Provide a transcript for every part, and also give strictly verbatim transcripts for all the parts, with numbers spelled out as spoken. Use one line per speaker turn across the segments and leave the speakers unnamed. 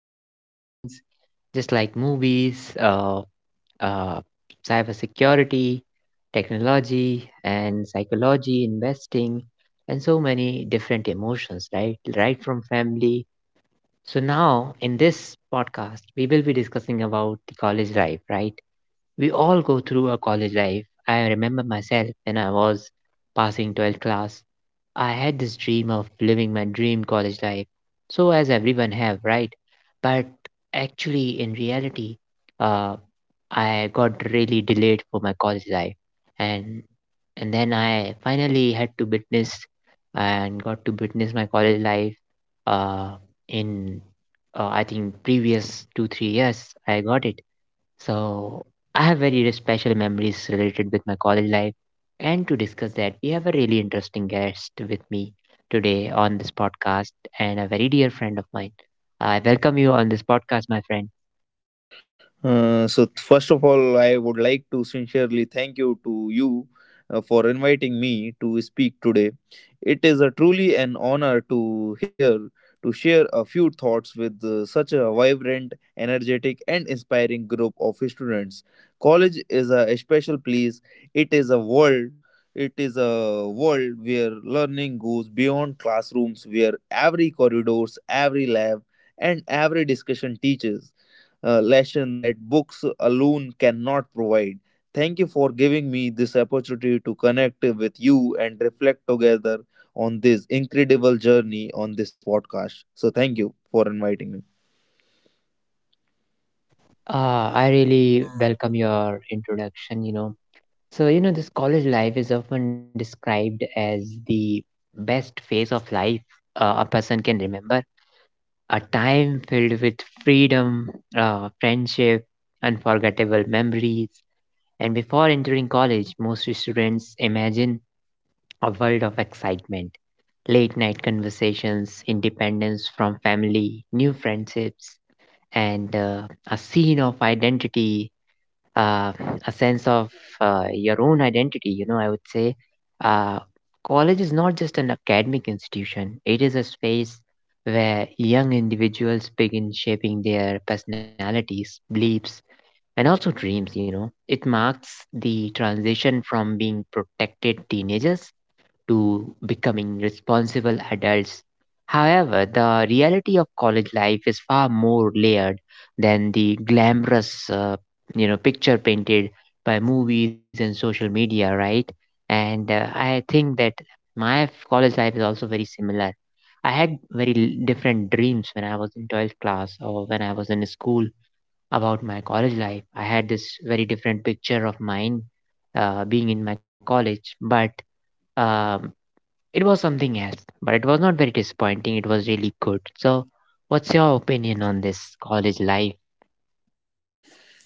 so many good things, just like movies, uh, uh, cybersecurity, technology, and psychology, investing, and so many different emotions, right? Right from family. So now in this podcast, we will be discussing about the college life, right? We all go through a college life. I remember myself when I was passing twelfth class. I had this dream of living my dream college life, so as everyone have, right? But actually, in reality, uh, I got really delayed for my college life, and and then I finally had to witness and got to witness my college life. Uh, in uh, I think previous two three years, I got it, so, I have very special memories related with my college life. And to discuss that, we have a really interesting guest with me today on this podcast and a very dear friend of mine. I welcome you on this podcast, my friend.
Uh, so th- first of all, I would like to sincerely thank you to you uh, for inviting me to speak today. It is a truly an honor to hear to share a few thoughts with uh, such a vibrant, energetic, and inspiring group of students. College is a special place. It is a world. It is a world where learning goes beyond classrooms, where every corridors, every lab, and every discussion teaches uh, lesson that books alone cannot provide. Thank you for giving me this opportunity to connect with you and reflect together on this incredible journey on this podcast. So, thank you for inviting me.
Uh, I really welcome your introduction, you know. So, you know, this college life is often described as the best phase of life, uh, a person can remember. A time filled with freedom, uh, friendship, unforgettable memories. And before entering college, most students imagine a world of excitement, late night conversations, independence from family, new friendships, and uh, a scene of identity, uh, a sense of uh, your own identity. You know, I would say uh, college is not just an academic institution, it is a space where young individuals begin shaping their personalities, beliefs, and also dreams. You know it marks the transition from being protected teenagers to becoming responsible adults. However, the reality of college life is far more layered than the glamorous, uh, you know picture painted by movies and social media, right? And uh, I think that my college life is also very similar. I had very l- different dreams when I was in twelfth class or when I was in school about my college life. I had this very different picture of mine uh, being in my college, but um, it was something else. But it was not very disappointing. It was really good. So, what's your opinion on this college life?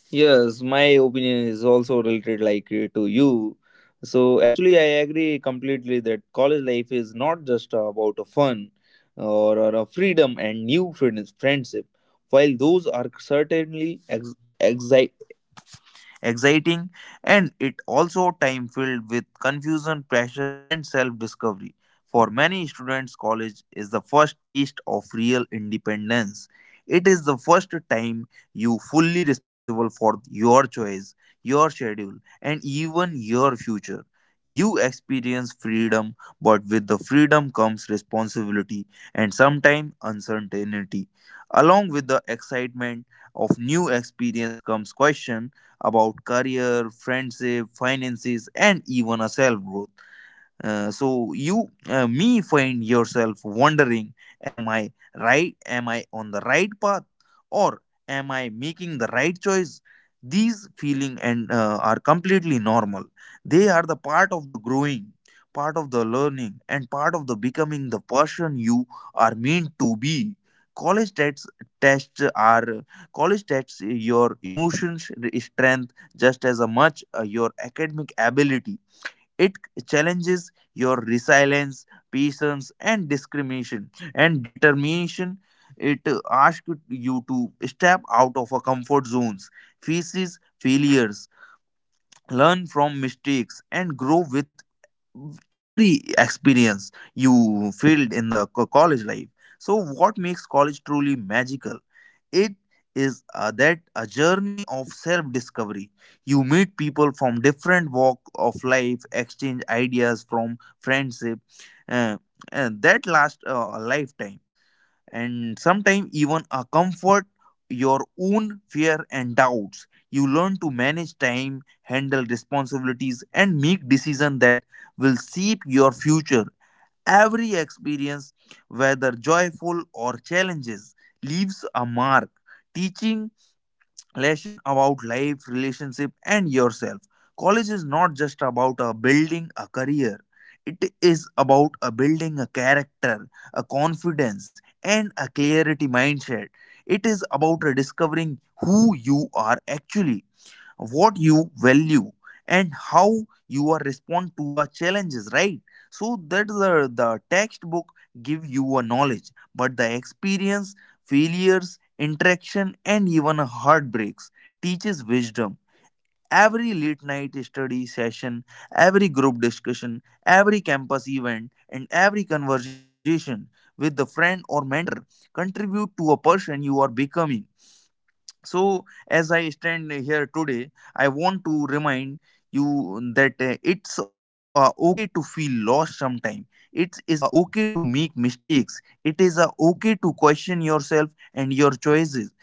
Yes, my opinion is also related like uh, to you. So actually, I agree completely that college life is not just about a fun or, or a freedom and new friends, friendship. While those are certainly ex- exi- exciting, and it also time filled with confusion, pressure, and self-discovery. For many students, college is the first taste of real independence. It is the first time you fully responsible for your choice, your schedule, and even your future. You experience freedom, but with the freedom comes responsibility and sometimes uncertainty. Along with the excitement of new experience comes question about career, friendship, finances, and even a self growth. Uh, so you uh, may find yourself wondering, am I right, am I on the right path, or am I making the right choice? These feeling and uh, are completely normal. They are the part of the growing, part of the learning, and part of the becoming the person you are meant to be. College tests tests are college tests your emotions strength just as much uh, your academic ability. It challenges your resilience, patience, and discrimination and determination. It uh, asks you to step out of our comfort zones, faces failures, learn from mistakes, and grow with every experience you filled in the co- college life. So, what makes college truly magical? It is uh, that a journey of self discovery. You meet people from different walk of life, exchange ideas from friendship, uh, and that lasts uh, a lifetime and sometimes even a comfort your own fear and doubts. You learn to manage time, handle responsibilities, and make decisions that will shape your future. Every experience, whether joyful or challenges, leaves a mark, teaching lesson about life, relationship, and yourself. College is not just about a building a career. It is about a building a character, a confidence, and a clarity mindset. It is about a discovering who you are actually, what you value, and how you are respond to a challenges, right? So that the, the textbook give you a knowledge, but the experience, failures, interaction, and even heartbreaks teaches wisdom. Every late night study session, every group discussion, every campus event, and every conversation with the friend or mentor contribute to a person you are becoming. So as I stand here today, I want to remind you that uh, it's uh, okay to feel lost sometime. It is uh, okay to make mistakes. It is uh, okay to question yourself and your choices.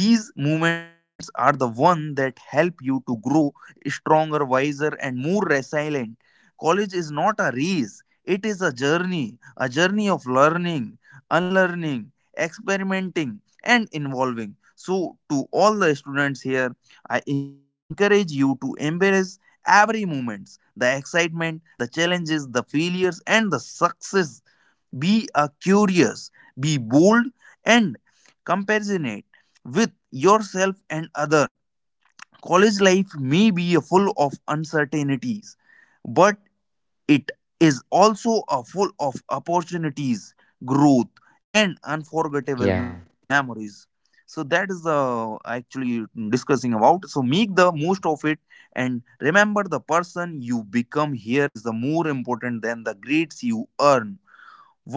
These moments are the one that help you to grow stronger, wiser, and more resilient. College is not a race; it is a journey, a journey of learning, unlearning, experimenting, and involving. So, to all the students here, I encourage you to embrace every moment, the excitement, the challenges, the failures, and the success. Be a curious, be bold, and compassionate with yourself and other. College life may be a full of uncertainties, but it is also a full of opportunities, growth, and unforgettable
Yeah,
memories. So that is uh, actually discussing about. So make the most of it and remember the person you become here is the more important than the grades you earn.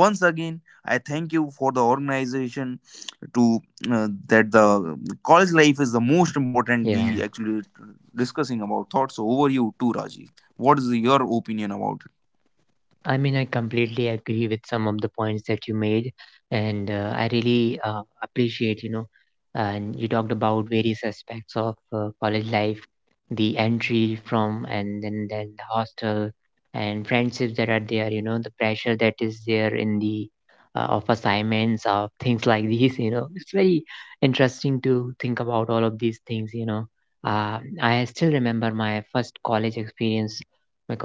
Once again I thank you for the organization to uh, that the college life is the most important we
yeah.
actually discussing about thoughts. So over you too, Rajiv. What is your opinion about?
I mean, I completely agree with some of the points that you made, and uh, I really uh, appreciate, you know, and you talked about various aspects of uh, college life, the entry from, and then then the hostel and friendships that are there, you know, the pressure that is there in the uh, of assignments of things like these, you know, it's very interesting to think about all of these things, you know. Uh, I still remember my first college experience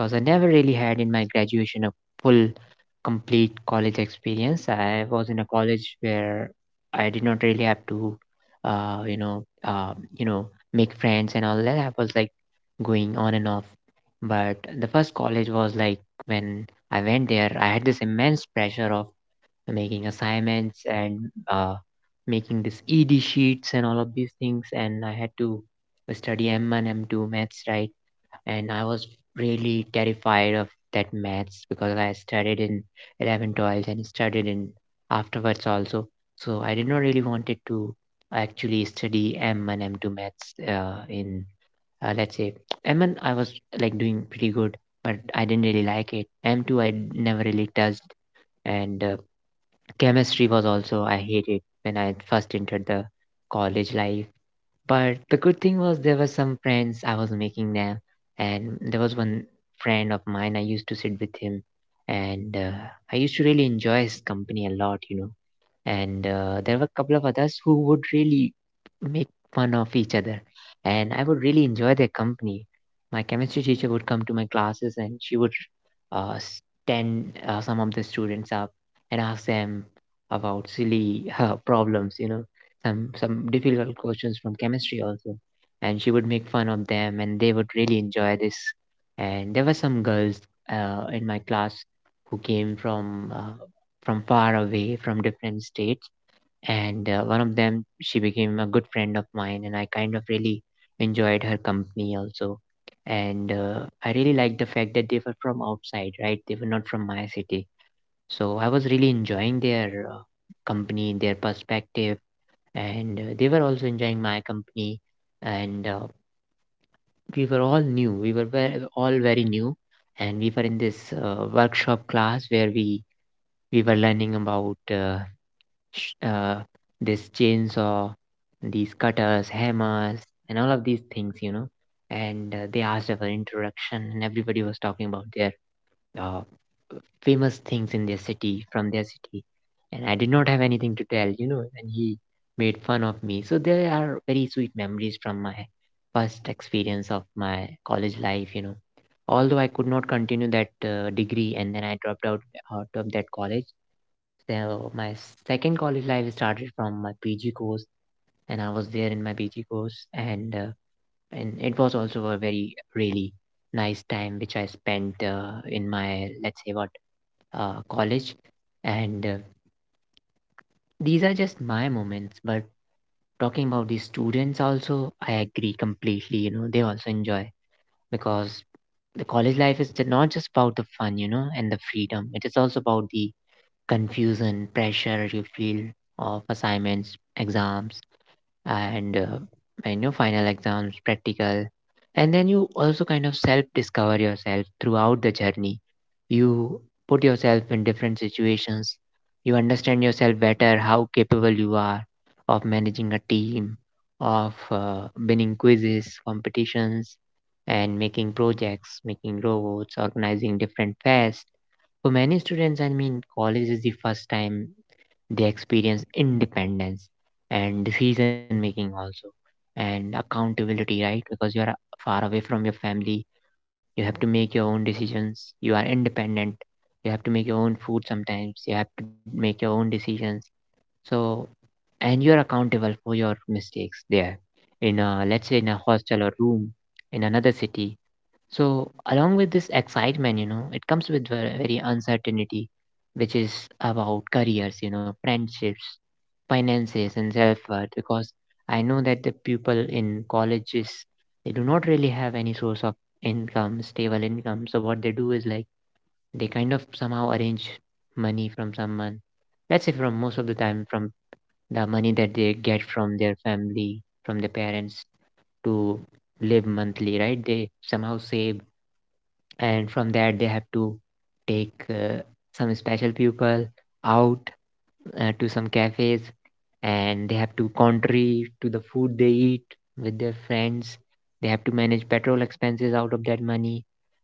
because I never really had in my graduation a full, complete college experience. I was in a college where I did not really have to, uh, you know, uh, you know, make friends and all that. I was like going on and off. But the first college was like when I went there, I had this immense pressure of making assignments and uh, making this E D sheets and all of these things, and I had to study M one, M two maths, right? And I was really terrified of that maths because I studied in eleven twelve and studied in afterwards also. So I did not really wanted to actually study M one M two maths uh, in uh, let's say M one I was like doing pretty good, but I didn't really like it. M two I never really touched, and uh, chemistry was also I hated when I first entered the college life. But the good thing was there were some friends I was making there, and there was one friend of mine I used to sit with him, and uh, I used to really enjoy his company a lot, you know. And uh, there were a couple of others who would really make fun of each other and I would really enjoy their company. My chemistry teacher would come to my classes and she would uh, stand uh, some of the students up and ask them about silly uh, problems, you know, some some difficult questions from chemistry also, and she would make fun of them and they would really enjoy this. And there were some girls uh, in my class who came from uh, from far away from different states, and uh, one of them, she became a good friend of mine and I kind of really enjoyed her company also. And uh, I really liked the fact that they were from outside, right? They were not from my city. So I was really enjoying their uh, company, their perspective, and uh, they were also enjoying my company. And uh, we were all new, we were very, all very new. And we were in this uh, workshop class where we we were learning about uh, sh- uh, this chainsaw, these cutters, hammers, and all of these things, you know. And uh, they asked her for introduction, and everybody was talking about their uh, famous things in their city, from their city. And I did not have anything to tell, you know, and he made fun of me. So there are very sweet memories from my first experience of my college life, you know. Although I could not continue that uh, degree and then I dropped out out of that college, so my second college life started from my P G course, and I was there in my P G course, and uh, and it was also a very really nice time which I spent uh, in my let's say what uh, college, and uh, these are just my moments. But talking about the students also, I agree completely. You know, they also enjoy because the college life is not just about the fun, you know, and the freedom. It is also about the confusion, pressure you feel of assignments, exams, and uh, I know final exams, practical, and then you also kind of self discover yourself throughout the journey. You put yourself in different situations. You understand yourself better, how capable you are of managing a team, of uh, winning quizzes, competitions, and making projects, making robots, organizing different fairs. For many students, I mean, college is the first time they experience independence and decision making also and accountability, right? Because you are far away from your family. You have to make your own decisions. You are independent. You have to make your own food sometimes. You have to make your own decisions. So, and you're accountable for your mistakes there. In a, let's say in a hostel or room in another city, so, along with this excitement, you know, it comes with ver- very uncertainty, which is about careers, you know, friendships, finances, and self worth. Because I know that the people in colleges, they do not really have any source of income, stable income. So, what they do is like they kind of somehow arrange money from someone. Let's say from most of the time from the money that they get from their family, from their parents to live monthly, right? They somehow save and from that they have to take uh, some special people out uh, to some cafes, and they have to contrary to the food they eat with their friends, they have to manage petrol expenses out of that money.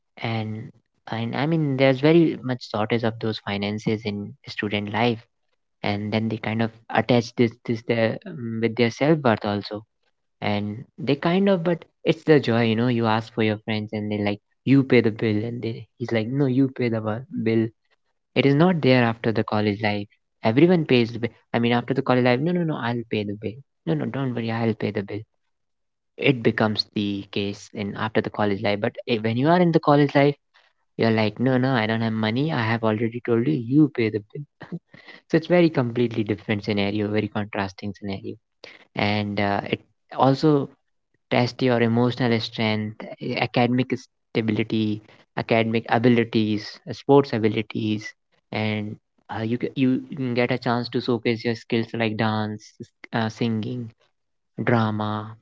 and and I mean, there's very much shortage of those finances in student life, and then they kind of attach this this their um, with their self worth also. And they kind of, but it's the joy, you know, you ask for your friends and they like, you pay the bill, and they he's like, no you pay the bu- bill. It is not there after the college life. Everyone pays the bill, I mean, after the college life. No no no, I'll pay the bill. No no, don't worry, I'll pay the bill. It becomes the case in after the college life. But eh, when you are in the college life, you're like, no no, I don't have money, I have already told you, you pay the bill. So it's very completely different scenario, very contrasting scenario. And uh, it also test your emotional strength, eh, academic stability, academic abilities, eh, sports abilities, and uh, you ca- you can get a chance to showcase your skills like dance, s- uh, singing, drama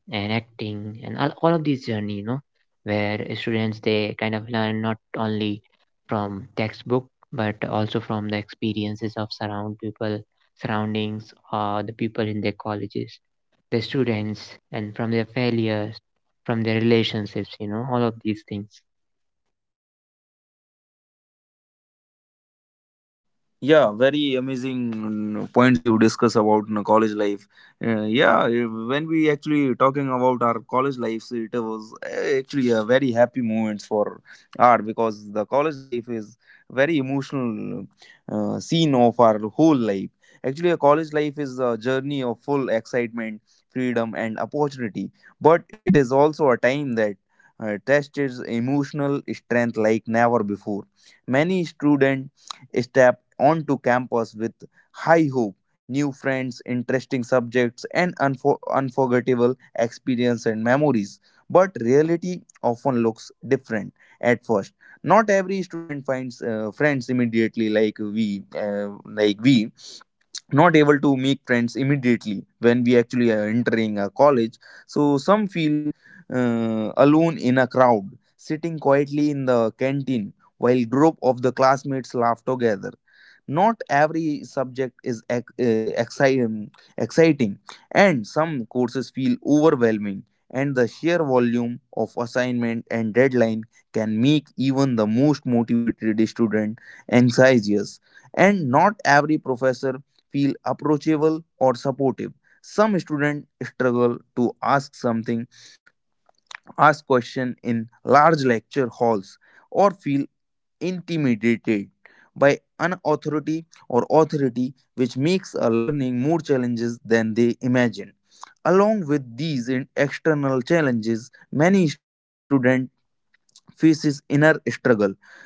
and acting and all, all of these journey, you know, where students, they kind of learn not only from textbook but also from the experiences of surround people, surroundings or the people in their colleges, the students, and from their failures, from their relationships, you know, all of these things.
Yeah, very amazing points you discuss about, you know, college life. uh, yeah eh, when we actually talking about our college lives, it was eh, actually a very happy moments for art because the college life is very emotional uh, scene of our whole life. Actually a college life is a journey of full excitement, freedom, and opportunity, but it is also a time that uh, tests emotional strength like never before. Many students step onto campus with high hope, new friends, interesting subjects, and unfor- unforgettable experience and memories. But reality often looks different at first. Not every student finds uh, friends immediately, like we, uh, like we not able to make friends immediately when we actually are entering a college. So some feel uh, alone in a crowd, sitting quietly in the canteen while group of the classmates laugh together. Not every subject is ex- uh, exciting, exciting, and some courses feel overwhelming, and the sheer volume of assignment and deadline can make even the most motivated student anxious, and not every professor feel approachable or supportive. Some students struggle to ask something, ask question in large lecture halls, or feel intimidated by unauthority or authority, which makes a learning more challenges than they imagine. Along with these in- external challenges, many students faces inner struggle,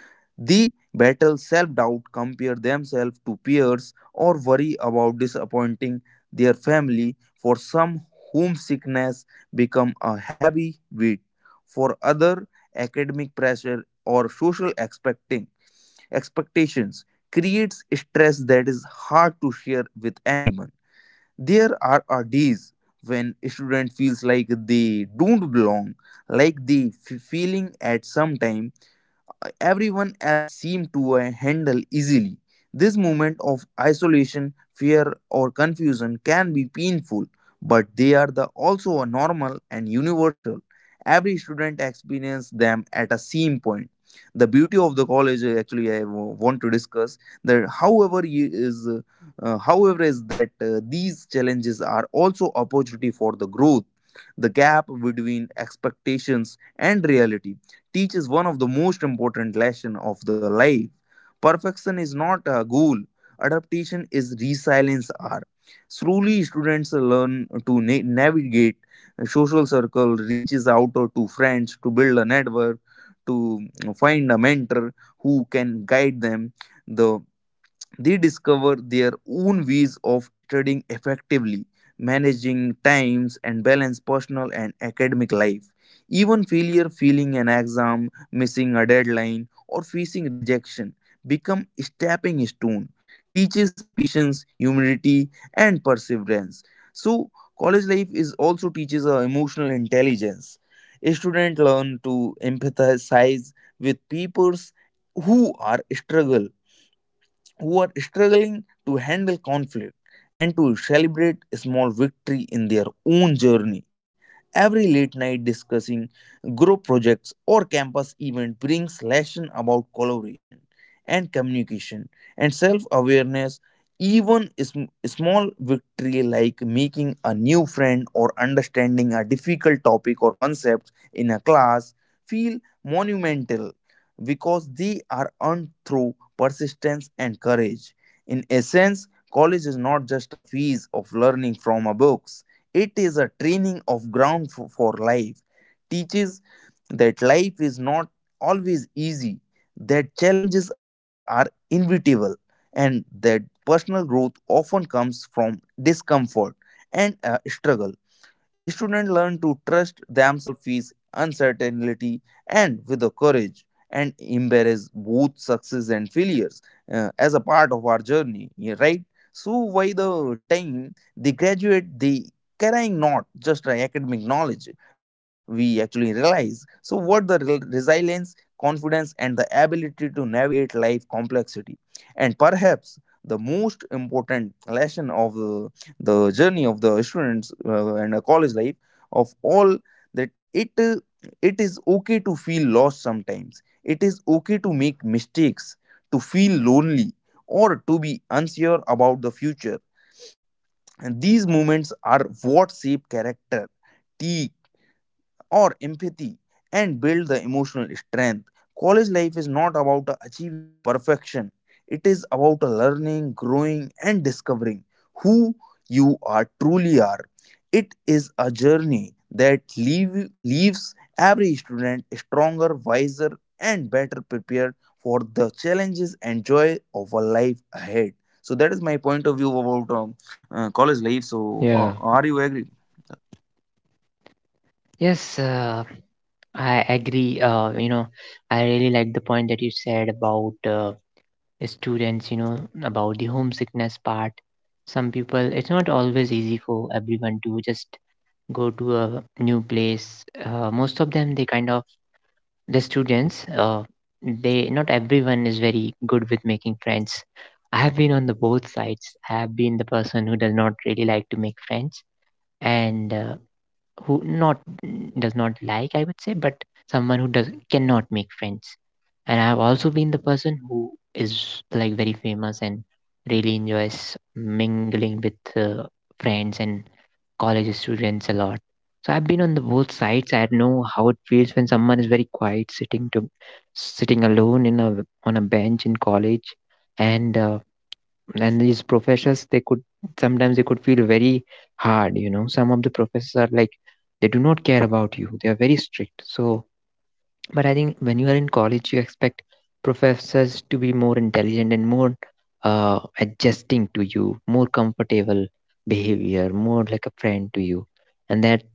the battle self doubt, compare themselves to peers, or worry about disappointing their family. For some, whom sickness become a heavy weight. For other, academic pressure or social expecting expectations creates stress that is hard to share with anyone. There are a days when a student feels like they don't belong, like they f- feeling at some time everyone else seemed to uh, handle easily. This moment of isolation, fear, or confusion can be painful, but they are the also a normal and universal. Every student experiences them at a same point. The beauty of the college, uh, actually, I w- want to discuss that. However, you- is uh, uh, however is that uh, these challenges are also opportunity for the growth. The gap between expectations and reality teaches one of the most important lesson of the life. Perfection is not a goal. Adaptation is resilience are. Slowly students learn to na- navigate a social circle, reaches out to friends to build a network, to find a mentor who can guide them. The they discover their own ways of studying effectively, managing times, and balance personal and academic life. Even failure, failing an exam, missing a deadline, or facing rejection become stepping stone, teaches patience, humility, and perseverance. So college life is also teaches uh, emotional intelligence. Students learn to empathize with peers who are struggle who are struggling to handle conflict and to celebrate small victory in their own journey. Every late night discussing, group projects, or campus event brings lesson about collaboration and communication and self-awareness. Even sm- small victory like making a new friend or understanding a difficult topic or concept in a class feel monumental because they are earned through persistence and courage. In essence, college is not just a phase of learning from a books, it is a training of ground for, for life. Teaches that life is not always easy, that challenges are inevitable, and that personal growth often comes from discomfort and uh, struggle. Students learn to trust themselves with uncertainty and with the courage and embrace both success and failures uh, as a part of our journey, yeah, right? So by the time they graduate, they carrying not just an academic knowledge, we actually realize. So what the re- resilience, confidence, and the ability to navigate life complexity, and perhaps the most important lesson of uh, the journey of the students uh, and a college life of all, that it uh, it is okay to feel lost sometimes, it is okay to make mistakes, to feel lonely, or to be unsure about the future, and these moments are what shape character or empathy and build the emotional strength. College life is not about achieving a perfection, it is about learning, growing, and discovering who you are truly are. It is a journey that leave, leaves every student stronger, wiser, and better prepared for the challenges and joy of a life ahead. So that is my point of view about um, uh, college life. So,
Yeah.
ho- are you agree?
Yes, uh, I agree. Uh, you know, I really like the point that you said about uh, students, you know, about the homesickness part. Some people, it's not always easy for everyone to just go to a new place. Uh, most of them, they kind of, the students, uh, they, not everyone is very good with making friends. I have been on the both sides. I have been the person who does not really like to make friends. And uh, who not Does not like, I would say, but someone who does cannot make friends, and I have also been the person who is like very famous and really enjoys mingling with uh, friends and college students a lot. So I've been on the both sides. I know how it feels when someone is very quiet sitting to sitting alone in a on a bench in college. And uh, and these professors, they could sometimes, they could feel very hard, you know. Some of the professors are like they do not care about you, they are very strict. So but I think when you are in college, you expect professors to be more intelligent and more uh, adjusting to you, more comfortable behavior, more like a friend to you. And that,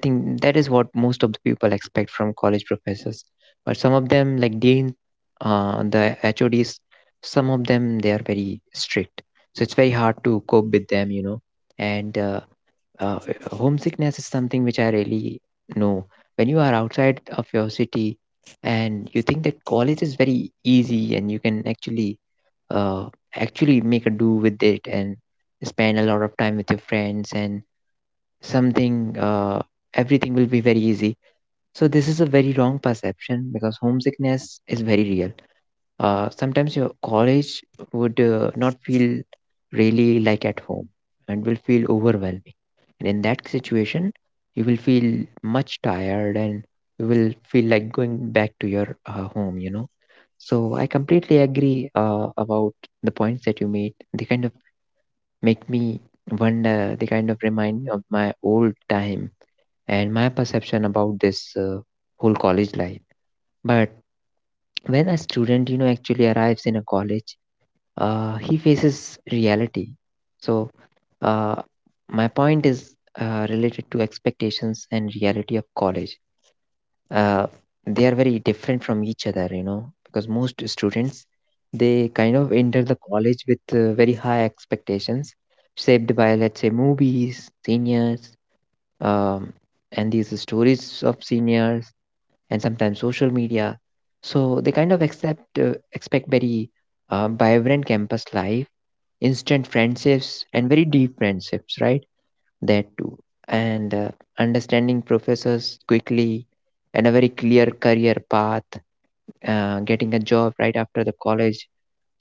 I think, that is what most of the people expect from college professors. But some of them, like Dean, uh, the H O Ds, some of them, they are very strict. So it's very hard to cope with them, you know. And uh, uh, uh, Homesickness is something which I really know. When you are outside of your city and you think that college is very easy and you can actually uh, actually make a do with it and spend a lot of time with your friends and something uh, everything will be very easy. So this is a very wrong perception because homesickness is very real. Uh, sometimes your college would uh, not feel really like at home and will feel overwhelming. And in that situation, you will feel much tired and you will feel like going back to your uh, home, you know. So I completely agree uh, about the points that you made. They kind of make me wonder, they kind of remind me of my old time and my perception about this uh, whole college life. But when a student, you know, actually arrives in a college, uh, he faces reality. So, uh, my point is uh, related to expectations and reality of college. Uh, they are very different from each other, you know, because most students they kind of enter the college with uh, very high expectations, shaped by, let's say, movies, seniors, um, and these stories of seniors, and sometimes social media. So they kind of accept uh, expect very uh, vibrant campus life, instant friendships and very deep friendships, right? That too. And uh, Understanding professors quickly and a very clear career path, uh, getting a job right after the college.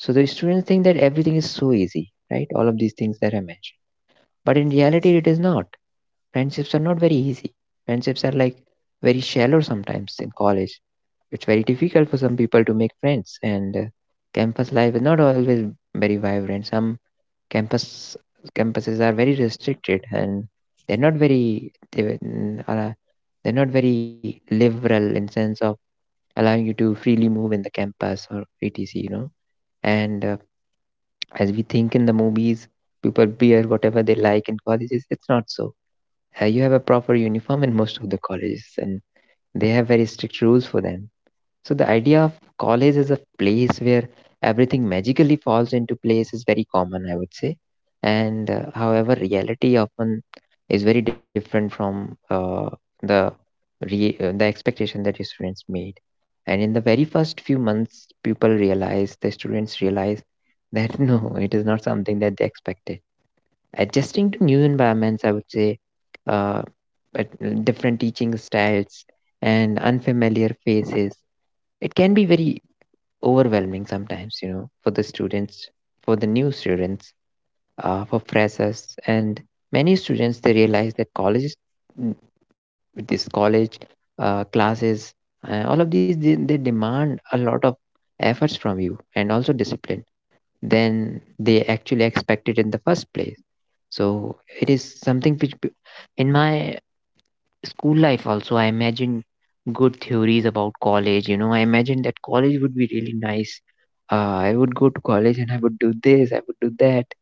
So the students think that everything is so easy, right? All of these things that I mentioned. But in reality, it is not. Friendships are not very easy. Friendships are like very shallow sometimes in college. It's very difficult for some people to make friends, and uh, campus life is not always very vibrant. Some campus Campuses are very restricted and they're not very they were- n- are- they're not very liberal in sense of allowing you to freely move in the campus or etc., you know. And uh, as we think in the movies, people wear whatever they like in colleges. It's not so. Uh, you have a proper uniform in most of the colleges and they have very strict rules for them. So the idea of college as a place where everything magically falls into place is very common, I would say. And uh, However, reality often is very different from uh, the re- uh, the expectation that your students made. And in the very first few months, people realize the students realize that no, it is not something that they expected. Adjusting to new environments, I would say, uh, but different teaching styles and unfamiliar faces, it can be very overwhelming sometimes, you know, for the students, for the new students, uh, for freshers, and many students they realize that colleges, mm, this college, uh, classes, uh, all of these, they, they demand a lot of efforts from you and also discipline than they actually expected in the first place. So it is something which, p- in my school life also I imagine good theories about college, you know. I imagine that college would be really nice. uh, I would go to college and I would do this, I would do that.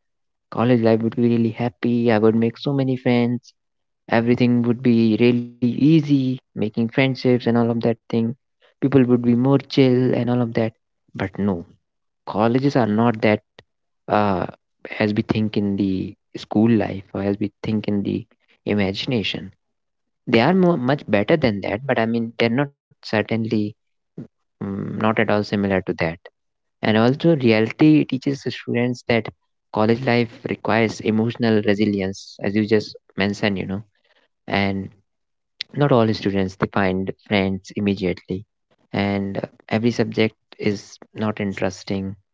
College life would be really happy. I would make so many friends. Everything would be really easy, making friendships and all of that thing. People would be more chill and all of that. But no, colleges are not that, uh, as we think in the school life or as we think in the imagination. They are more, much better than that, but I mean, they're not certainly, mm, not at all similar to that. And also, reality teaches the students that college life requires emotional resilience, as you just mentioned, you know. And not all students, they find friends immediately, and uh, every subject is not interesting,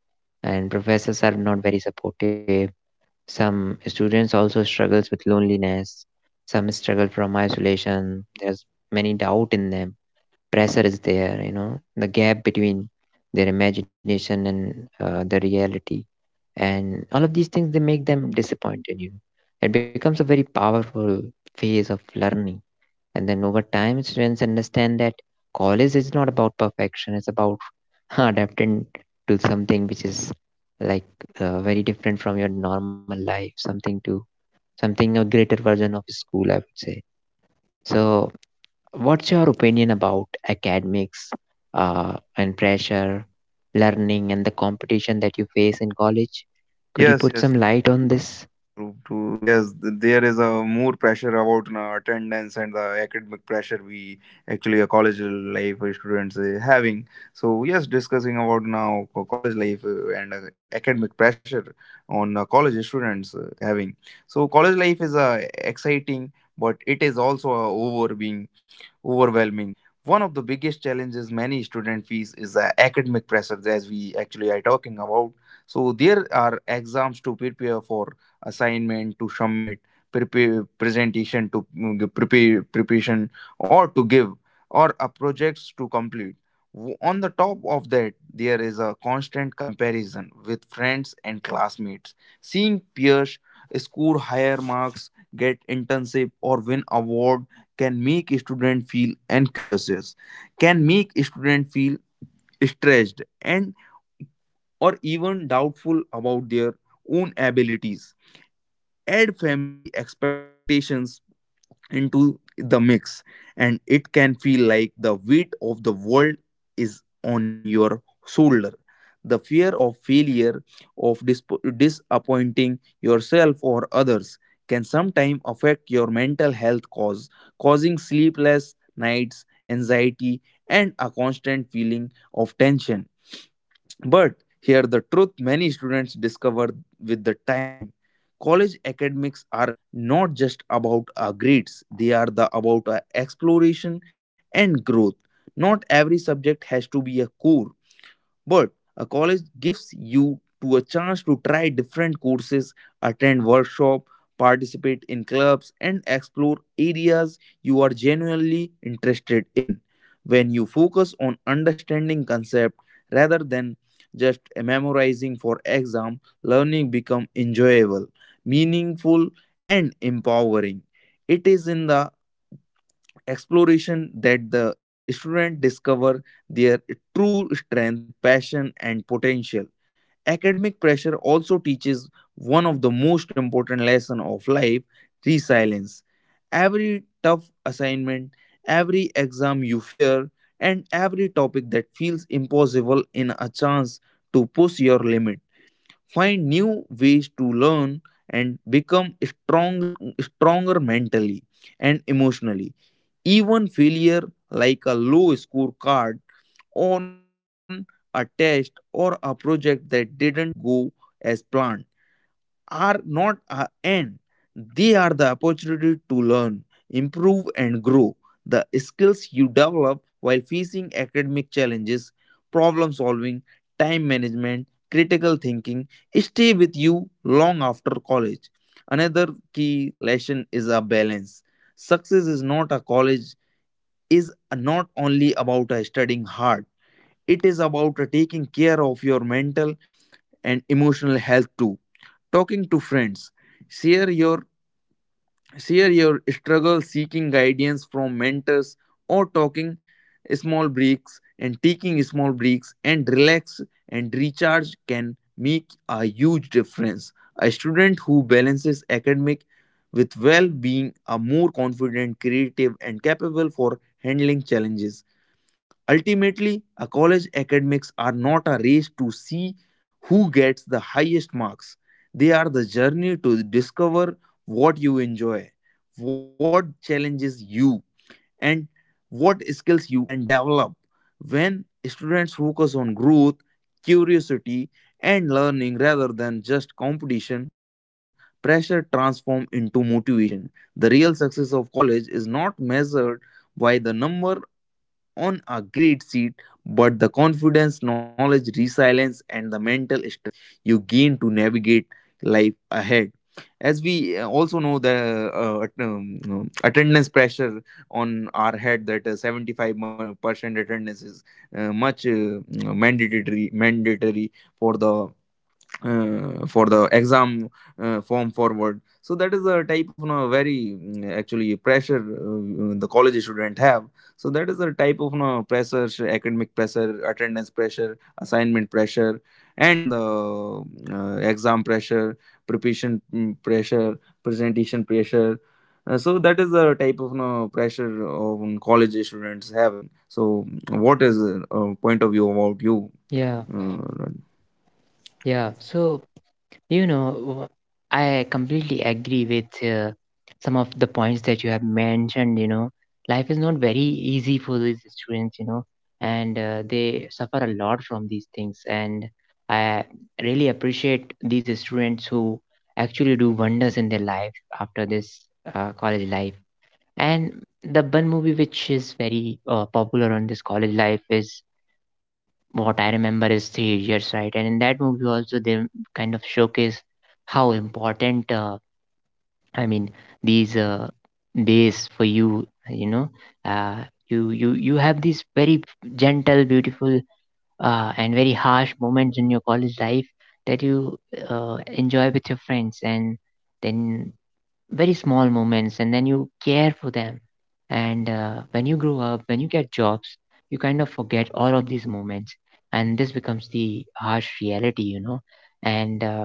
and professors are not very supportive. Some students also struggles with loneliness. Some struggle from isolation. There's many doubt in them. Pressure is there, you know, the gap between their imagination and uh, the reality, and all of these things they make them disappointed, you know. It becomes a very powerful phase of learning. And then over time, students understand that college is not about perfection, it's about adapting to something which is like uh, very different from your normal life, something to something a greater version of school, I would say. So, what's your opinion about academics uh, and pressure, learning, and the competition that you face in college? Could you
Yes,
put some
yes, yes.
light on this?
True, true. Yes, th- there is a more pressure about, you know, attendance and the academic pressure we actually a college life students uh, having. So yes, discussing about now co- college life uh, and uh, academic pressure on uh, college students uh, having. So college life is uh, exciting, but it is also uh, over being overwhelming. One of the biggest challenges many student face is the academic pressure, as we actually are talking about. So there are exams to prepare for, assignment to submit, prepare presentation to mm, give, prepare preparation or to give, or a projects to complete. W- On the top of that, there is a constant comparison with friends and classmates. Seeing peers score higher marks, get internship, or win award can make a student feel anxious, can make a student feel stressed and or even doubtful about their own abilities, add family expectations into the mix, and it can feel like the weight of the world is on your shoulder. The fear of failure, of disp- disappointing yourself or others, can sometimes affect your mental health, cause causing sleepless nights, anxiety, and a constant feeling of tension. But here the truth many students discover with the time. College academics are not just about our grades, they are the about our exploration and growth. Not every subject has to be a core. But a college gives you to a chance to try different courses, attend workshop, participate in clubs, and explore areas you are genuinely interested in. When you focus on understanding concept rather than just memorizing for exam, learning become enjoyable, meaningful, and empowering. It is in the exploration that the student discover their true strength, passion, and potential. Academic pressure also teaches one of the most important lesson of life: resilience. Every tough assignment, every exam you fear, and every topic that feels impossible in a chance to push your limit, find new ways to learn, and become strong, stronger mentally and emotionally. Even failure, like a low scorecard on a test or a project that didn't go as planned, are not an end. They are the opportunity to learn, improve, and grow. The skills you develop while facing academic challenges, problem solving, time management, critical thinking, stay with you long after college. Another key lesson is a balance. Success is not a college, is not only about uh, studying hard, it is about uh, taking care of your mental and emotional health too. Talking to friends, share your share your struggle, seeking guidance from mentors, or talking small breaks and taking small breaks and relax and recharge can make a huge difference. A student who balances academic with well being are more confident, creative, and capable for handling challenges. Ultimately, a college academics are not a race to see who gets the highest marks. They are the journey to discover what you enjoy, what challenges you, and what skills you can develop. When students focus on growth, curiosity, and learning rather than just competition, pressure transforms into motivation. The real success of college is not measured by the number on a great seat, but the confidence, knowledge, resilience, and the mental strength you gain to navigate life ahead. As we uh, also know, the uh, at- um, um, attendance pressure on our head, that uh, seventy-five percent attendance is uh, much uh, mandatory, mandatory for the uh, for the exam uh, form forward, so that is the type of you know, very mm, actually pressure uh, the college student have. So that is the type of you know, pressure, academic pressure, attendance pressure, assignment pressure, and the uh, exam pressure, preparation mm, pressure, presentation pressure. Uh, so that is the type of you know, pressure of mm, college students having. So what is the uh, point of view about you,
Yeah,
uh,
yeah. So, you know, I completely agree with uh, some of the points that you have mentioned. You know, life is not very easy for these students, you know, and uh, they suffer a lot from these things. And I really appreciate these students who actually do wonders in their life after this uh, college life. And the one movie which is very uh, popular on this college life is, what I remember, is Three Idiots, right? And in that movie also, they kind of showcase how important, uh, I mean, these uh, days for you, you know, uh, you you you have these very gentle, beautiful, uh, and very harsh moments in your college life that you uh, enjoy with your friends, and then very small moments and then you care for them. And uh, when you grow up, when you get jobs, you kind of forget all of these moments, and this becomes the harsh reality, you know. And uh,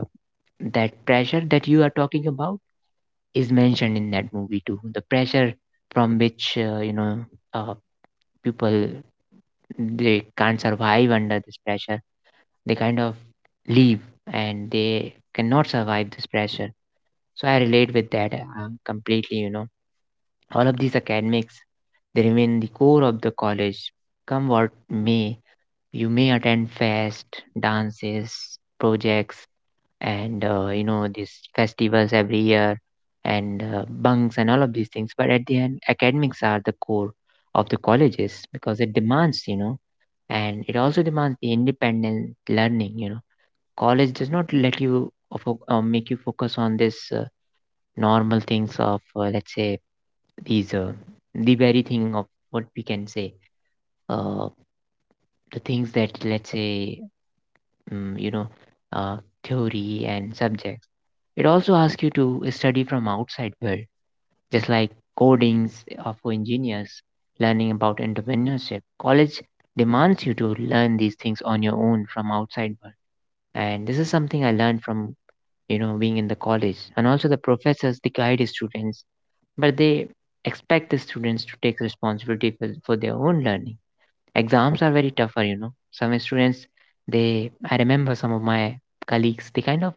that pressure that you are talking about is mentioned in that movie too. The pressure from which, uh, you know, uh, people, they can't survive under this pressure. They kind of leave and they cannot survive this pressure. So I relate with that uh, completely, you know. All of these academics, they remain the core of the college. Come what may, you may attend fest, dances, projects, and uh, you know, these festivals every year, and uh, bunks and all of these things. But at the end, academics are the core of the colleges because it demands, you know, and it also demands the independent learning. You know, college does not let you uh, fo- uh, make you focus on this uh, normal things of, uh, let's say, is uh, the very thing of what we can say, uh, the things that, let's say, um, you know, uh, theory and subjects. It also asks you to study from outside world, just like codings are for engineers, learning about entrepreneurship. College demands you to learn these things on your own from outside world, and this is something I learned from, you know, being in the college. And also the professors, they guide students, but they expect the students to take responsibility for, for their own learning. Exams are very tougher, you know. Some students, they, I remember some of my colleagues, they kind of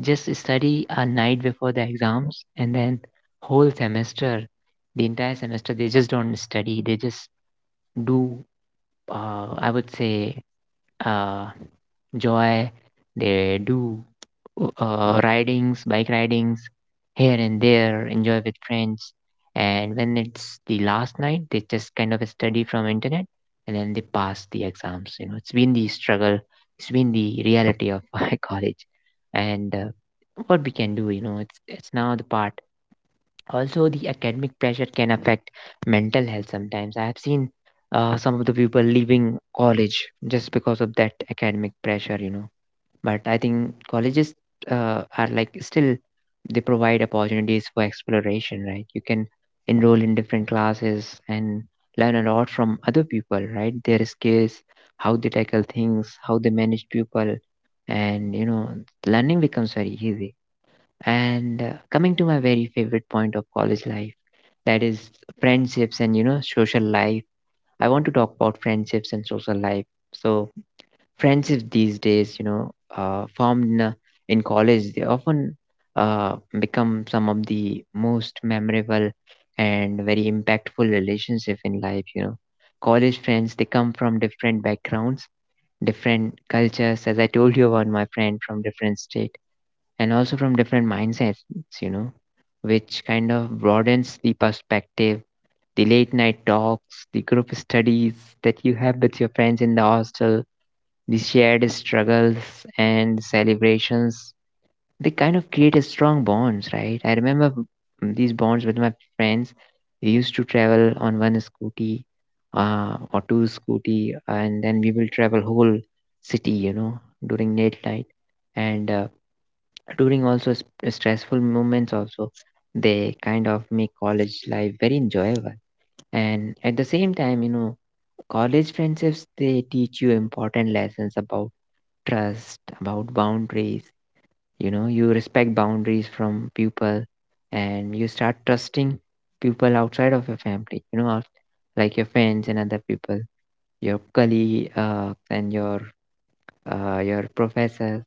just study a night before the exams, and then whole semester, the entire semester, they just don't study. They just do, uh, I would say, uh, joy. They do uh, ridings, bike ridings here and there, enjoy with friends. And when it's the last night, they just kind of study from internet and then they pass the exams. You know, it's been the struggle, it's been the reality of my college. And uh, what we can do, you know, it's it's now the part. Also, the academic pressure can affect mental health sometimes. I have seen uh, some of the people leaving college just because of that academic pressure, you know but I think colleges uh, are like still they provide opportunities for exploration, right? You can enroll in different classes and learn a lot from other people, right? Their skills, how they tackle things, how they manage people, and you know, learning becomes very easy. And uh, coming to my very favorite point of college life, that is friendships and you know, social life. I want to talk about friendships and social life. So friendships these days, you know, uh, formed in, a- in college, they often uh, become some of the most memorable and very impactful relationship in life. You know, college friends, they come from different backgrounds, different cultures. As I told you about my friend from different state, and also from different mindsets. You know, which kind of broadens the perspective. The late night talks, the group studies that you have with your friends in the hostel, the shared struggles and celebrations, they kind of create a strong bonds, right? I remember these bonds with my friends. We used to travel on one scooty uh, or two scooty, and then we will travel whole city, you know, during late night. And uh, during also s- stressful moments also, they kind of make college life very enjoyable. And at the same time, you know, college friendships, they teach you important lessons about trust, about boundaries. You know, you respect boundaries from people, and you start trusting people outside of your family, you know, out- like your friends and other people, your colleague uh, and your uh, your professors.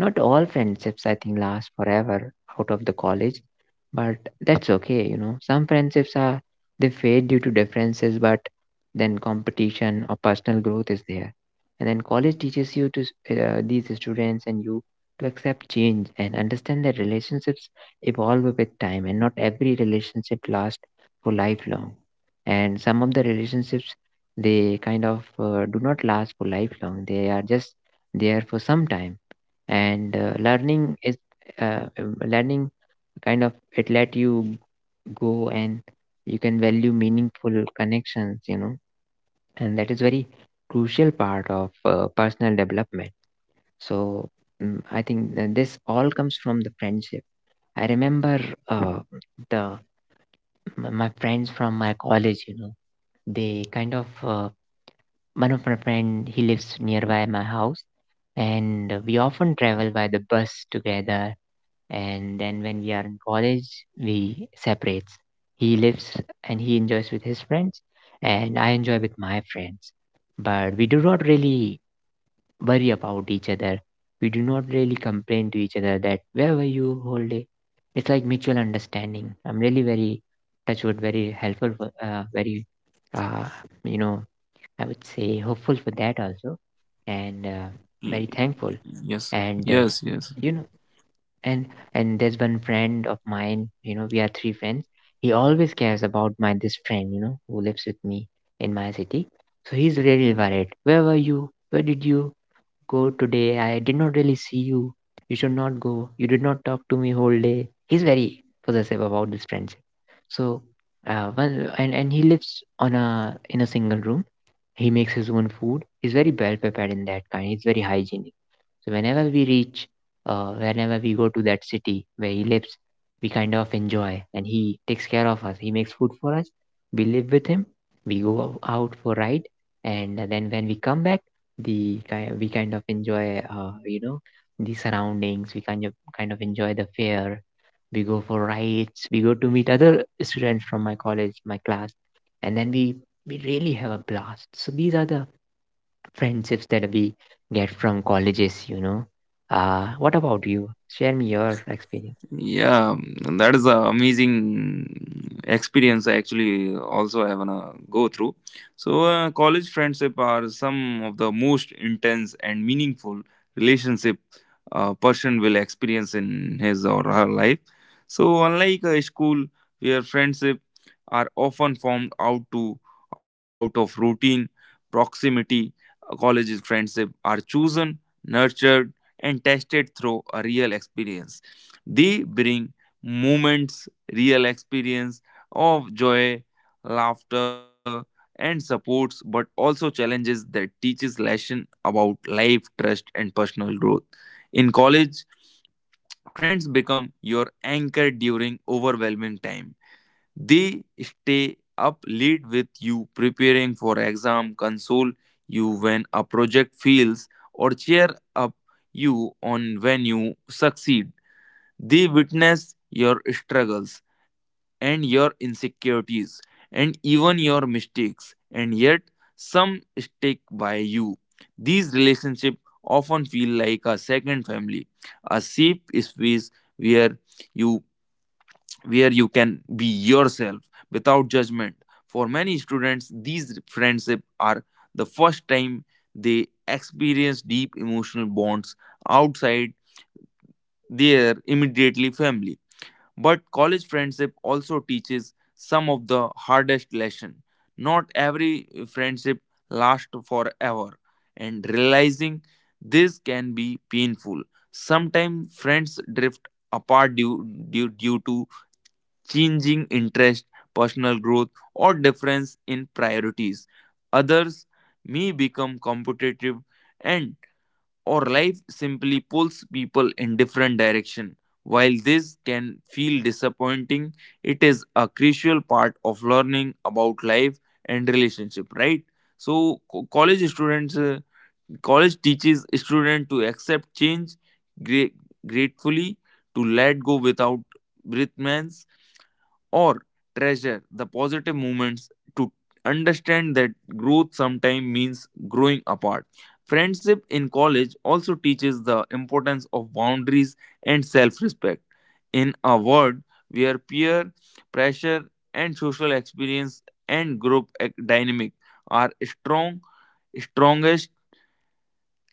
Not all friendships, I think, last forever out of the college, but that's okay, you know. Some friendships are they fade due to differences, but then competition or personal growth is there. And then college teaches you to s- uh, these students and you to accept change and understand that relationships evolve with time, and not every relationship lasts for lifelong. And some of the relationships, they kind of uh, do not last for lifelong. They are just there for some time. And uh, learning is uh, um, learning kind of it let you go, and you can value meaningful connections, you know. And that is very crucial part of uh, personal development. So mm, I think that this all comes from the friendship. I remember uh, the my my friends from my college, you know, they kind of uh, one of my friend, he lives nearby my house, and we often travel by the bus together. And then when we are in college, we separates. He lives and he enjoys with his friends, and I enjoy with my friends. But we do not really worry about each other. We do not really complain to each other that where were you whole day. It's like mutual understanding. I'm really very touchwood, very helpful for uh, very uh, you know I would say hopeful for that also. And uh,
Raj?
very thankful.
Yes.
And uh,
Yes. Yes.
you know, and and there's one friend of mine, you know, we are three friends. He always cares about my this friend, you know, who lives with me in my city. So he's really worried, where were you, where did you go today, I did not really see you, you should not go, you did not talk to me whole day. He's very possessive about this friendship. So uh one, and and he lives on a in a single room. He makes his own food. He's very well prepared in that kind. He's very hygienic. So whenever we reach, uh, whenever we go to that city where he lives, we kind of enjoy, and he takes care of us. He makes food for us. We live with him. We go ou- out for ride, and then when we come back, the ki- we kind of enjoy, uh, you know, the surroundings. We kind of kind of enjoy the fair. We go for rides. We go to meet other students from my college, my class, and then we we really have a blast. So these are the friendships that we get from colleges, you know. Uh, what about you? Share me your experience.
Yeah, and that is a amazing experience, I actually also I wanna go through. So uh, college friendship are some of the most intense and meaningful relationship a person will experience in his or her life. So unlike a school where friendship are often formed out to out of routine, proximity, college's friendship are chosen, nurtured, and tested through a real experience. They bring moments, real experience of joy, laughter, and supports, but also challenges that teaches lesson about life, trust, and personal growth. In college, friends become your anchor during overwhelming time. They stay up late with you, preparing for exam, console you when a project fails, or cheer up you on when you succeed. They witness your struggles and your insecurities and even your mistakes, and yet some stick by you. These relationships often feel like a second family, a safe space where you where you can be yourself without judgment. For many students, these friendships are the first time they experience deep emotional bonds outside their immediately family. But college friendship also teaches some of the hardest lesson. Not every friendship lasts forever, and realizing this can be painful. Sometimes friends drift apart due, due, due to changing interest, personal growth, or difference in priorities. Others may become competitive, and or life simply pulls people in different direction. While this can feel disappointing, it is a crucial part of learning about life and relationship, right? So co- college students uh, college teaches students to accept change gra- gratefully, to let go without resentments, or treasure the positive moments, to understand that growth sometimes means growing apart. Friendship in college also teaches the importance of boundaries and self respect. In a world where peer pressure and social experience and group ac- dynamic are strong, strongest.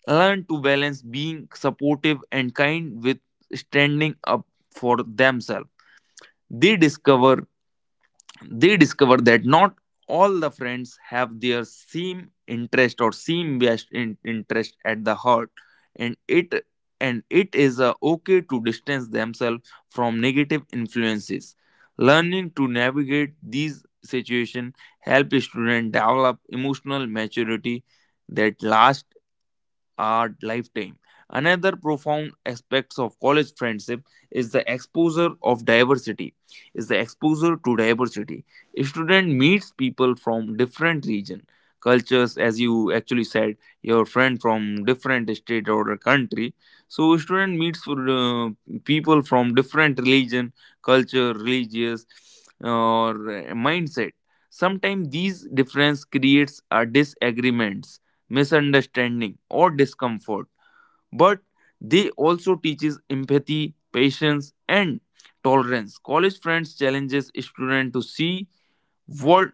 Learn to balance being supportive and kind with standing up for themselves. They discover they discover that not all the friends have their same interest or same best in- interest at the heart, and it and it is uh, okay to distance themselves from negative influences. Learning to navigate these situations help students develop emotional maturity that lasts our lifetime. Another profound aspects of college friendship is the exposure of diversity. Is the exposure to diversity. A student meets people from different region, cultures, as you actually said, your friend from different state or a country. So a student meets uh, people from different religion, culture, religious, or uh, mindset. Sometimes these difference creates a disagreements, misunderstanding, or discomfort, but they also teaches empathy, patience, and tolerance. College friends challenges students to see world,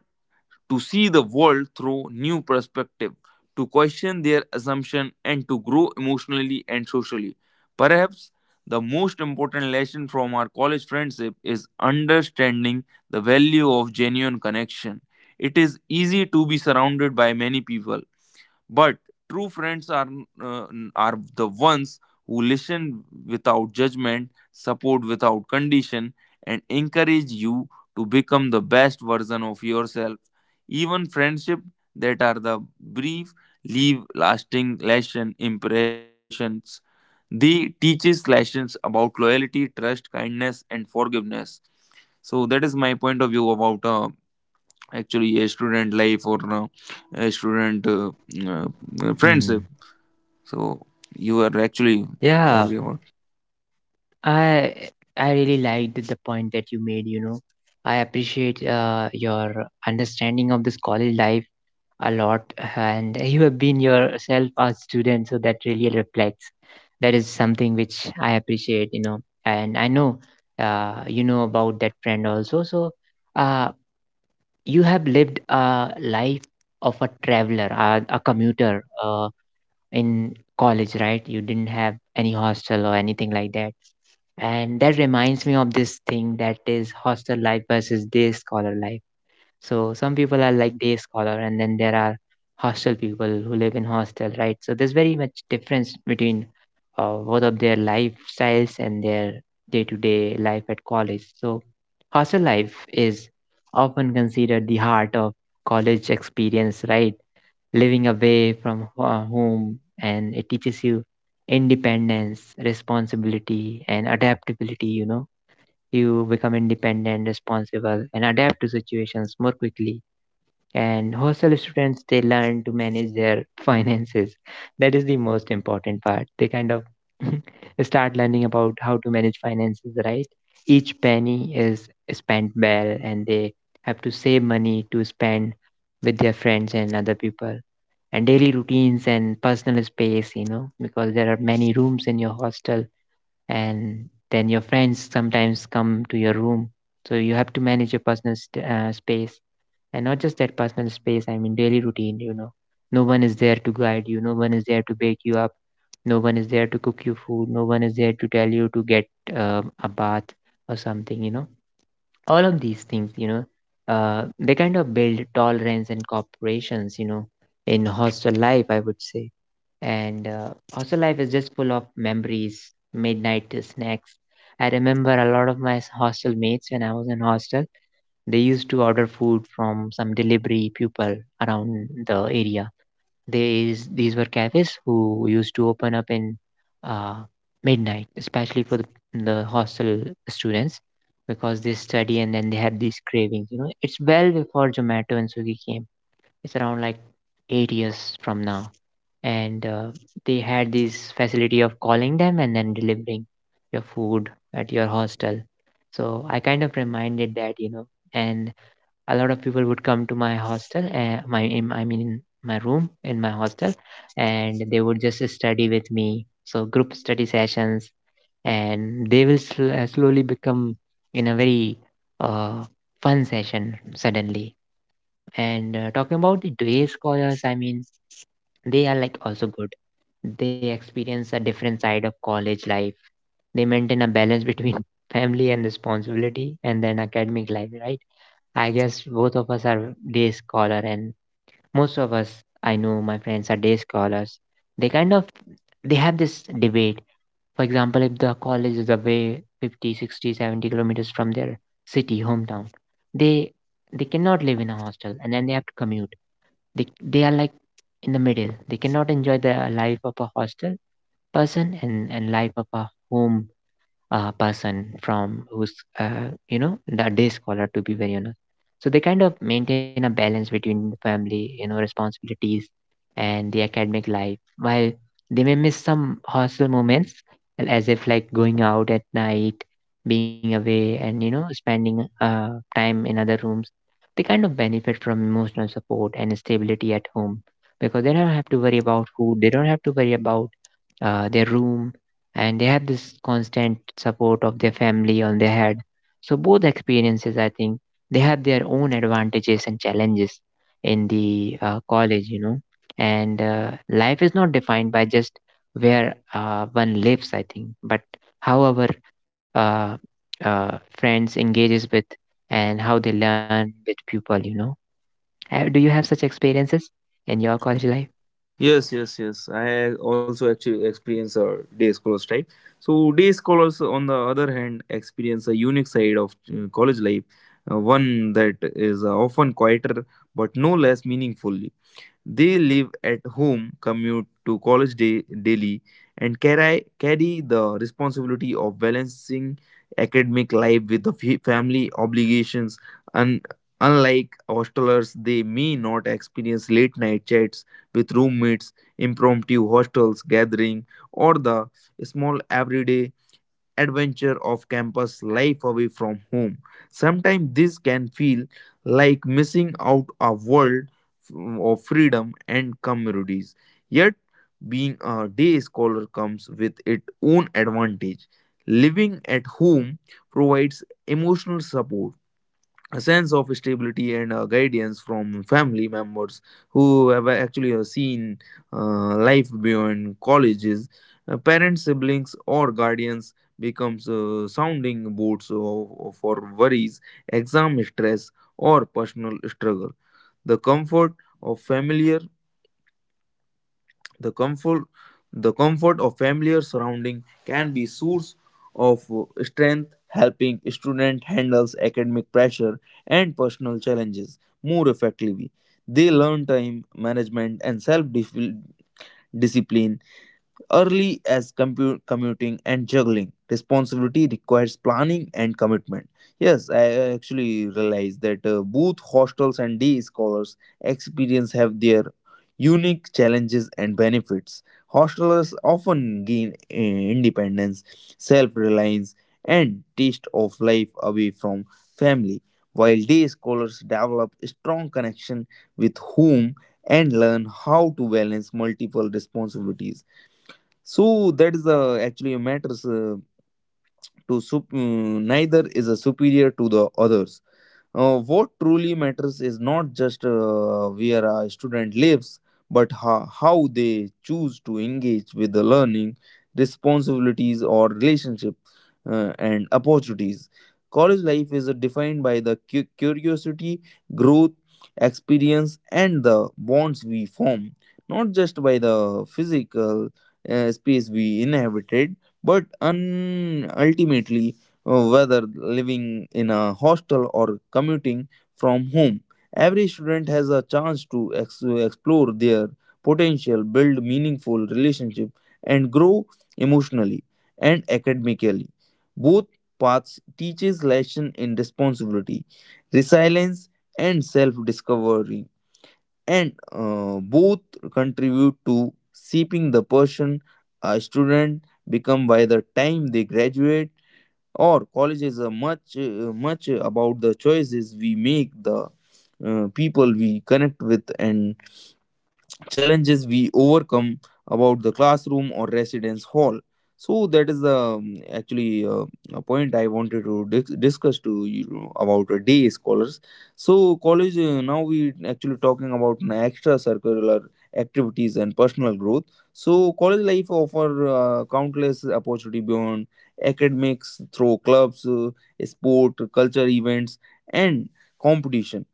to see the world through new perspective, to question their assumption and to grow emotionally and socially. Perhaps the most important lesson from our college friendship is understanding the value of genuine connection. It is easy to be surrounded by many people, but true friends are uh, are the ones who listen without judgment, support without condition, and encourage you to become the best version of yourself. Even friendship that are the brief leave lasting lesson impressions. They teaches lessons about loyalty, trust, kindness, and forgiveness. So that is my point of view about uh, actually a student life or uh, a student uh, uh, friendship.
Hmm.
So you are actually
Yeah,
every hour.
I I really liked the point that you made, you know. I appreciate uh, your understanding of this college life a lot, and you have been yourself a student, so that really reflects. That is something which I appreciate, you know. And I know uh, you know about that friend also. So uh, you have lived a life of a traveler, a, a commuter uh, in college, right? You didn't have any hostel or anything like that. And that reminds me of this thing, that is hostel life versus day scholar life. So some people are like day scholar, and then there are hostel people who live in hostel, right? So there's very much difference between uh, both of their lifestyles and their day-to-day life at college. So hostel life is often considered the heart of college experience, right? Living away from ho- uh, home, and it teaches you independence, responsibility, and adaptability. You know, you become independent, responsible, and adapt to situations more quickly. And hostel students, they learn to manage their finances. That is the most important part. They kind of start learning about how to manage finances, right? Each penny is spent well, and they have to save money to spend with their friends and other people. And daily routines and personal space, you know, because there are many rooms in your hostel, and then your friends sometimes come to your room, so you have to manage your personal st- uh, space. And not just that personal space, I mean daily routine, you know, no one is there to guide you, no one is there to wake you up, no one is there to cook you food, no one is there to tell you to get um, a bath or something, you know. All of these things, you know, uh, they kind of build tolerance and cooperations, you know, in hostel life, I would say. And uh, hostel life is just full of memories, midnight snacks. I remember a lot of my hostel mates when I was in hostel, they used to order food from some delivery people around the area. There is these were cafes who used to open up in uh, midnight, especially for the, the hostel students, because they study and then they have these cravings. You know, it's well before Zomato and Swiggy came. It's around like eight years from now, and uh, they had this facility of calling them and then delivering your food at your hostel. So I kind of reminded that, you know. And a lot of people would come to my hostel uh, my in, I mean in my room in my hostel, and they would just study with me. So group study sessions, and they will sl- uh, slowly become in a very uh, fun session suddenly. And uh, talking about the day scholars, I mean they are like also good. They experience a different side of college life. They maintain a balance between family and responsibility and then academic life, right? I guess both of us are day scholar, and most of us, I know my friends are day scholars. They kind of they have this debate, for example, if the college is away fifty sixty seventy kilometers from their city hometown, they they cannot live in a hostel, and then they have to commute. they they are like in the middle. They cannot enjoy the life of a hostel person, and and life of a home uh, person from who's uh, you know, the day scholar, to be very honest. So they kind of maintain a balance between the family, you know, responsibilities, and the academic life. While they may miss some hostel moments and as if like going out at night, being away, and you know, spending uh, time in other rooms, they kind of benefit from emotional support and stability at home, because they don't have to worry about food, they don't have to worry about uh, their room, and they have this constant support of their family on their head. So both experiences, I think, they have their own advantages and challenges in the uh, college, you know. And uh, life is not defined by just where uh, one lives, I think, but how our uh, uh, friends engages with, and how they learn with people, you know. Uh, Do you have such experiences in your college life?
Yes, yes, yes. I also actually experience a day scholars type. So day scholars, on the other hand, experience a unique side of uh, college life, uh, one that is uh, often quieter but no less meaningful. They live at home, commute to college day, daily, and carry, carry the responsibility of balancing academic life with the fa- family obligations. Un- Unlike hostelers, they may not experience late night chats with roommates, impromptu hostels gathering, or the small everyday adventure of campus life away from home. Sometimes this can feel like missing out a world f- of freedom and communities. Yet, being a day scholar comes with its own advantage. Living at home provides emotional support, a sense of stability and uh, guidance from family members who have actually uh, seen uh, life beyond colleges. Uh, parents, siblings, or guardians becomes uh, sounding boards of- for worries, exam stress, or personal struggle. the comfort of familiar the comfort, the comfort of familiar surrounding can be source of uh, strength, helping student handles academic pressure and personal challenges more effectively. They learn time management and self discipline early as compu- commuting and juggling responsibility requires planning and commitment. Yes, i I actually realize that uh, both hostels and day scholars experience have their unique challenges and benefits. Hostelers often gain uh, independence, self-reliance, and taste of life away from family, while day scholars develop strong connection with whom and learn how to balance multiple responsibilities. So that is uh, actually matters, uh, to sup- mm, neither is a superior to the others. Uh, what truly matters is not just uh, where a student lives, but ho- how they choose to engage with the learning, responsibilities, or relationship uh, and opportunities. College life is uh, defined by the cu- curiosity, growth, experience, and the bonds we form, not just by the physical uh, space we inhabited, but un- ultimately uh, whether living in a hostel or commuting from home. Every student has a chance to ex- explore their potential, build meaningful relationship, and grow emotionally and academically. Both paths teaches lesson in responsibility, resilience, and self-discovery, and uh, both contribute to shaping the person a student become by the time they graduate or college is a much, uh, much about the choices we make, the uh, people we connect with, and challenges we overcome about the classroom or residence hall. So that is the um, actually uh, a point I wanted to dis- discuss to you know, about a day scholars. So college, uh, now we actually talking about an extra circular activities and personal growth. So college life offer uh, countless opportunity beyond academics through clubs, uh, sport, culture events, and competition.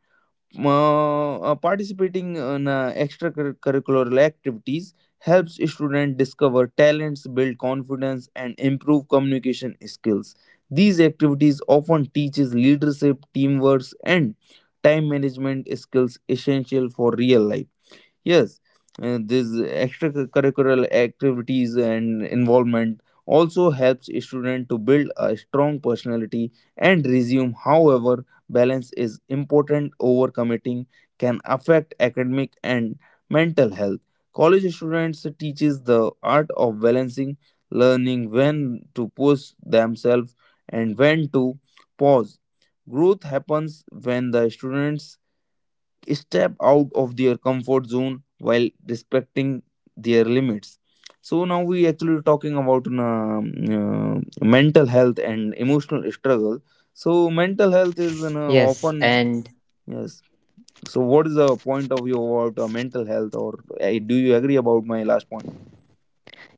uh, uh, Participating in uh, extracurricular activities helps students discover talents, build confidence, and improve communication skills. These activities often teaches leadership, teamwork, and time management skills essential for real life. Yes, uh, these extracurricular activities and involvement also helps a student to build a strong personality and resume. However, balance is important. Overcommitting can affect academic and mental health. College students teaches the art of balancing, learning when to push themselves and when to pause. Growth happens when the students step out of their comfort zone while respecting their limits. So now we actually talking about um, uh, uh, mental health and emotional struggle. So mental health is you know,
Yes,
often,
and
yes. So what is the point of view about uh, mental health? Or uh, do you agree about my last point?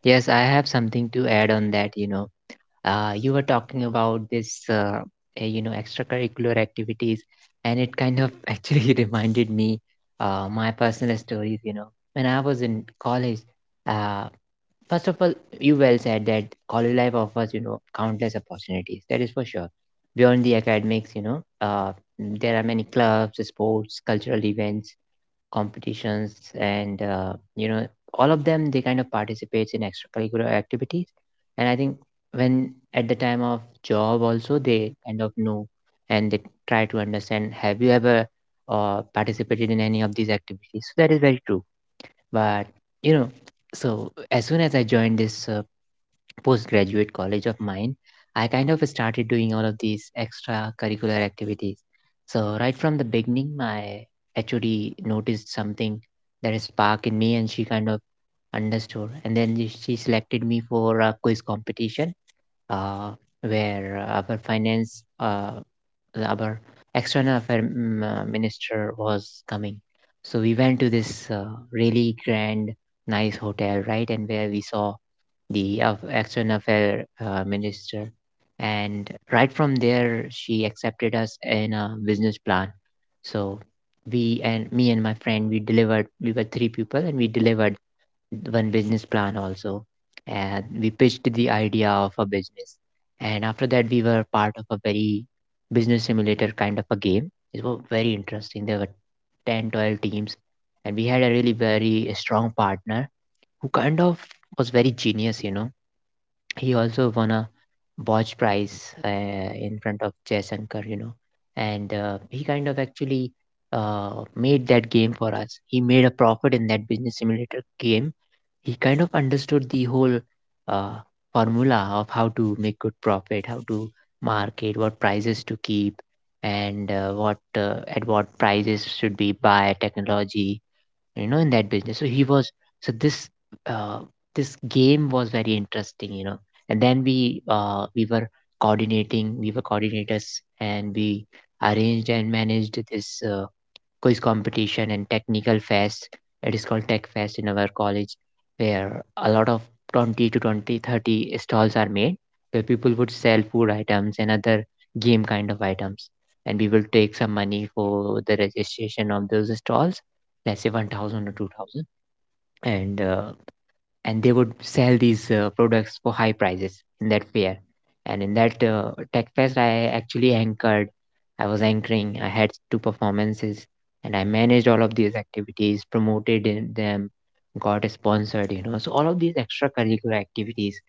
Yes, I have something to add on that. You know, uh, you were talking about this, uh, eh, you know, extracurricular activities, and it kind of actually reminded me uh, my personal stories. You know, when I was in college, uh, first of all, you well said that college life offers, you know, countless opportunities. That is for sure. Beyond the academics, you know, uh, there are many clubs, sports, cultural events, competitions and uh, you know all of them, they kind of participates in extracurricular activities. And I think, when at the time of job also, they kind of know, and they try to understand, have you ever uh, participated in any of these activities? So that is very true, but you know so as soon as I joined this uh, postgraduate college of mine, I kind of started doing all of these extracurricular activities. So, right from the beginning, my H O D noticed something, that is spark in me, and she kind of understood. And then she she selected me for a quiz competition, uh, where our finance, uh, our external affair mm, uh, minister was coming. So, we went to this uh, really grand, nice hotel, right? And where we saw the of external affair uh, minister, and right from there she accepted us in a business plan. So, we and me and my friend, we delivered we were three people, and we delivered one business plan also, and we pitched the idea of a business. And after that, we were part of a very business simulator kind of a game. It was very interesting. There were ten twelve teams, and we had a really very strong partner who kind of was very genius you know he also won a Boj Prize, uh, in front of Jaishankar, you know, and uh, he kind of actually uh, made that game for us. He made a profit in that business simulator game. He kind of understood the whole uh, formula of how to make good profit, how to market, what prices to keep, and uh, what uh, at what prices should be buy technology, you know in that business. So he was. So this uh, this game was very interesting, you know. And then we uh, we were coordinating. We were coordinators, and we arranged and managed this uh, quiz competition and technical fest. It is called Tech Fest in our college, where a lot of twenty to twenty thirty stalls are made, where people would sell food items and other game kind of items. And we will take some money for the registration of those stalls, let's say one thousand or two thousand. And uh, and they would sell these uh, products for high prices in that fair. And in that uh, tech fest, I actually anchored. I was anchoring. I had two performances, and I managed all of these activities, promoted in them, got sponsored. You know, so all of these extracurricular activities,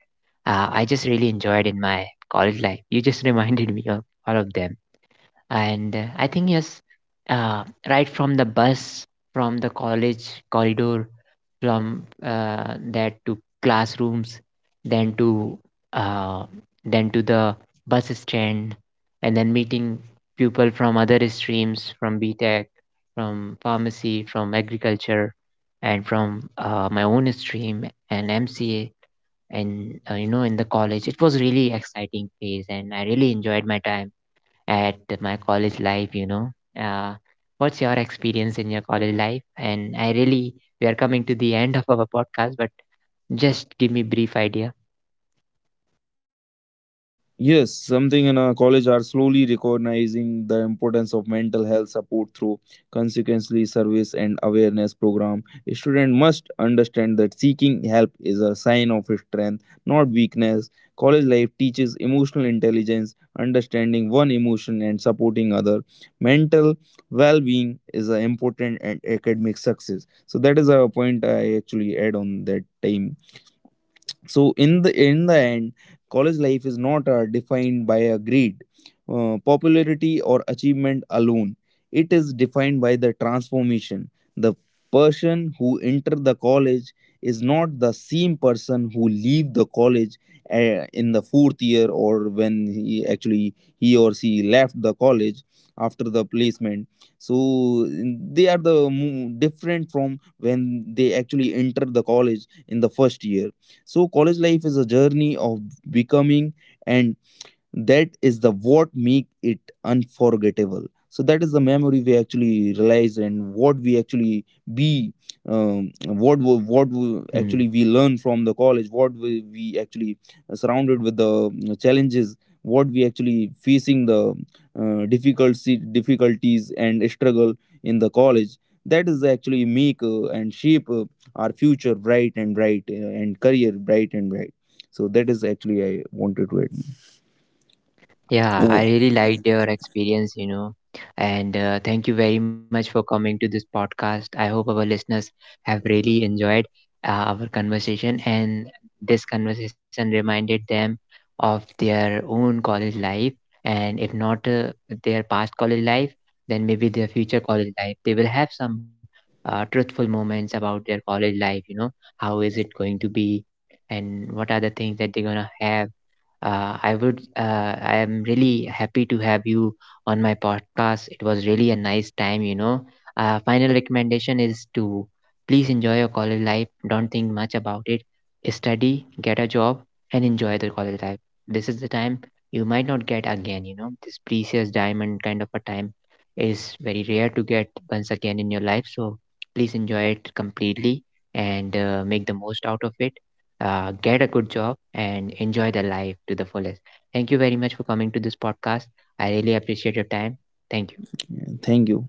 uh, I just really enjoyed in my college life. You just reminded me of all of them. And uh, I think, yes, uh, right from the bus, from the college corridor, from uh, that to classrooms, then to uh, then to the bus stand, and then meeting people from other streams, from B tech, from pharmacy, from agriculture, and from uh, my own stream and M C A, and uh, you know, in the college, it was really exciting phase, and I really enjoyed my time at my college life, you know. Uh, what's your experience in your college life? And I really, we are coming to the end of our podcast, but just give me brief idea.
Yes, something in our college are slowly recognizing the importance of mental health support through consequently service and awareness program. A student must understand that seeking help is a sign of strength, not weakness. College life teaches emotional intelligence, understanding one emotion and supporting other. Mental well-being is an important and academic success. So that is a point I actually add on that time. So in the in the end, college life is not uh, defined by a grade, uh, popularity, or achievement alone. It is defined by the transformation. The person who enter the college is not the same person who leave the college, uh, in the fourth year, or when he actually he or she left the college after the placement. So they are the mo- different from when they actually enter the college in the first year. So, college life is a journey of becoming, and that is the what make it unforgettable. So that is the memory we actually realize, and what we actually be, um, what we- what we
Hmm.
actually we learn from the college, what we, we actually uh, surrounded with the mm, challenges, what we actually facing the uh, difficulty, difficulties and struggle in the college, that is actually make uh, and shape uh, our future bright and bright, uh, and career bright and bright. So that is actually I wanted to add.
Yeah,
Oh.
I really liked your experience, you know, and uh, thank you very much for coming to this podcast. I hope our listeners have really enjoyed uh, our conversation, and this conversation reminded them of their own college life, and if not uh, their past college life, then maybe their future college life. They will have some uh, truthful moments about their college life, you know, how is it going to be, and what are the things that they're gonna have. Uh, i would uh, i am really happy to have you on my podcast. It was really a nice time, you know. Uh, final recommendation is to please enjoy your college life. Don't think much about it. Study, get a job, and enjoy the college life. This is the time you might not get again you know this precious diamond kind of a time is very rare to get once again in your life, so please enjoy it completely. And uh, make the most out of it. Uh, get a good job, and enjoy the life to the fullest. Thank you very much for coming to this podcast. I really appreciate your time. Thank you.
Yeah, thank you.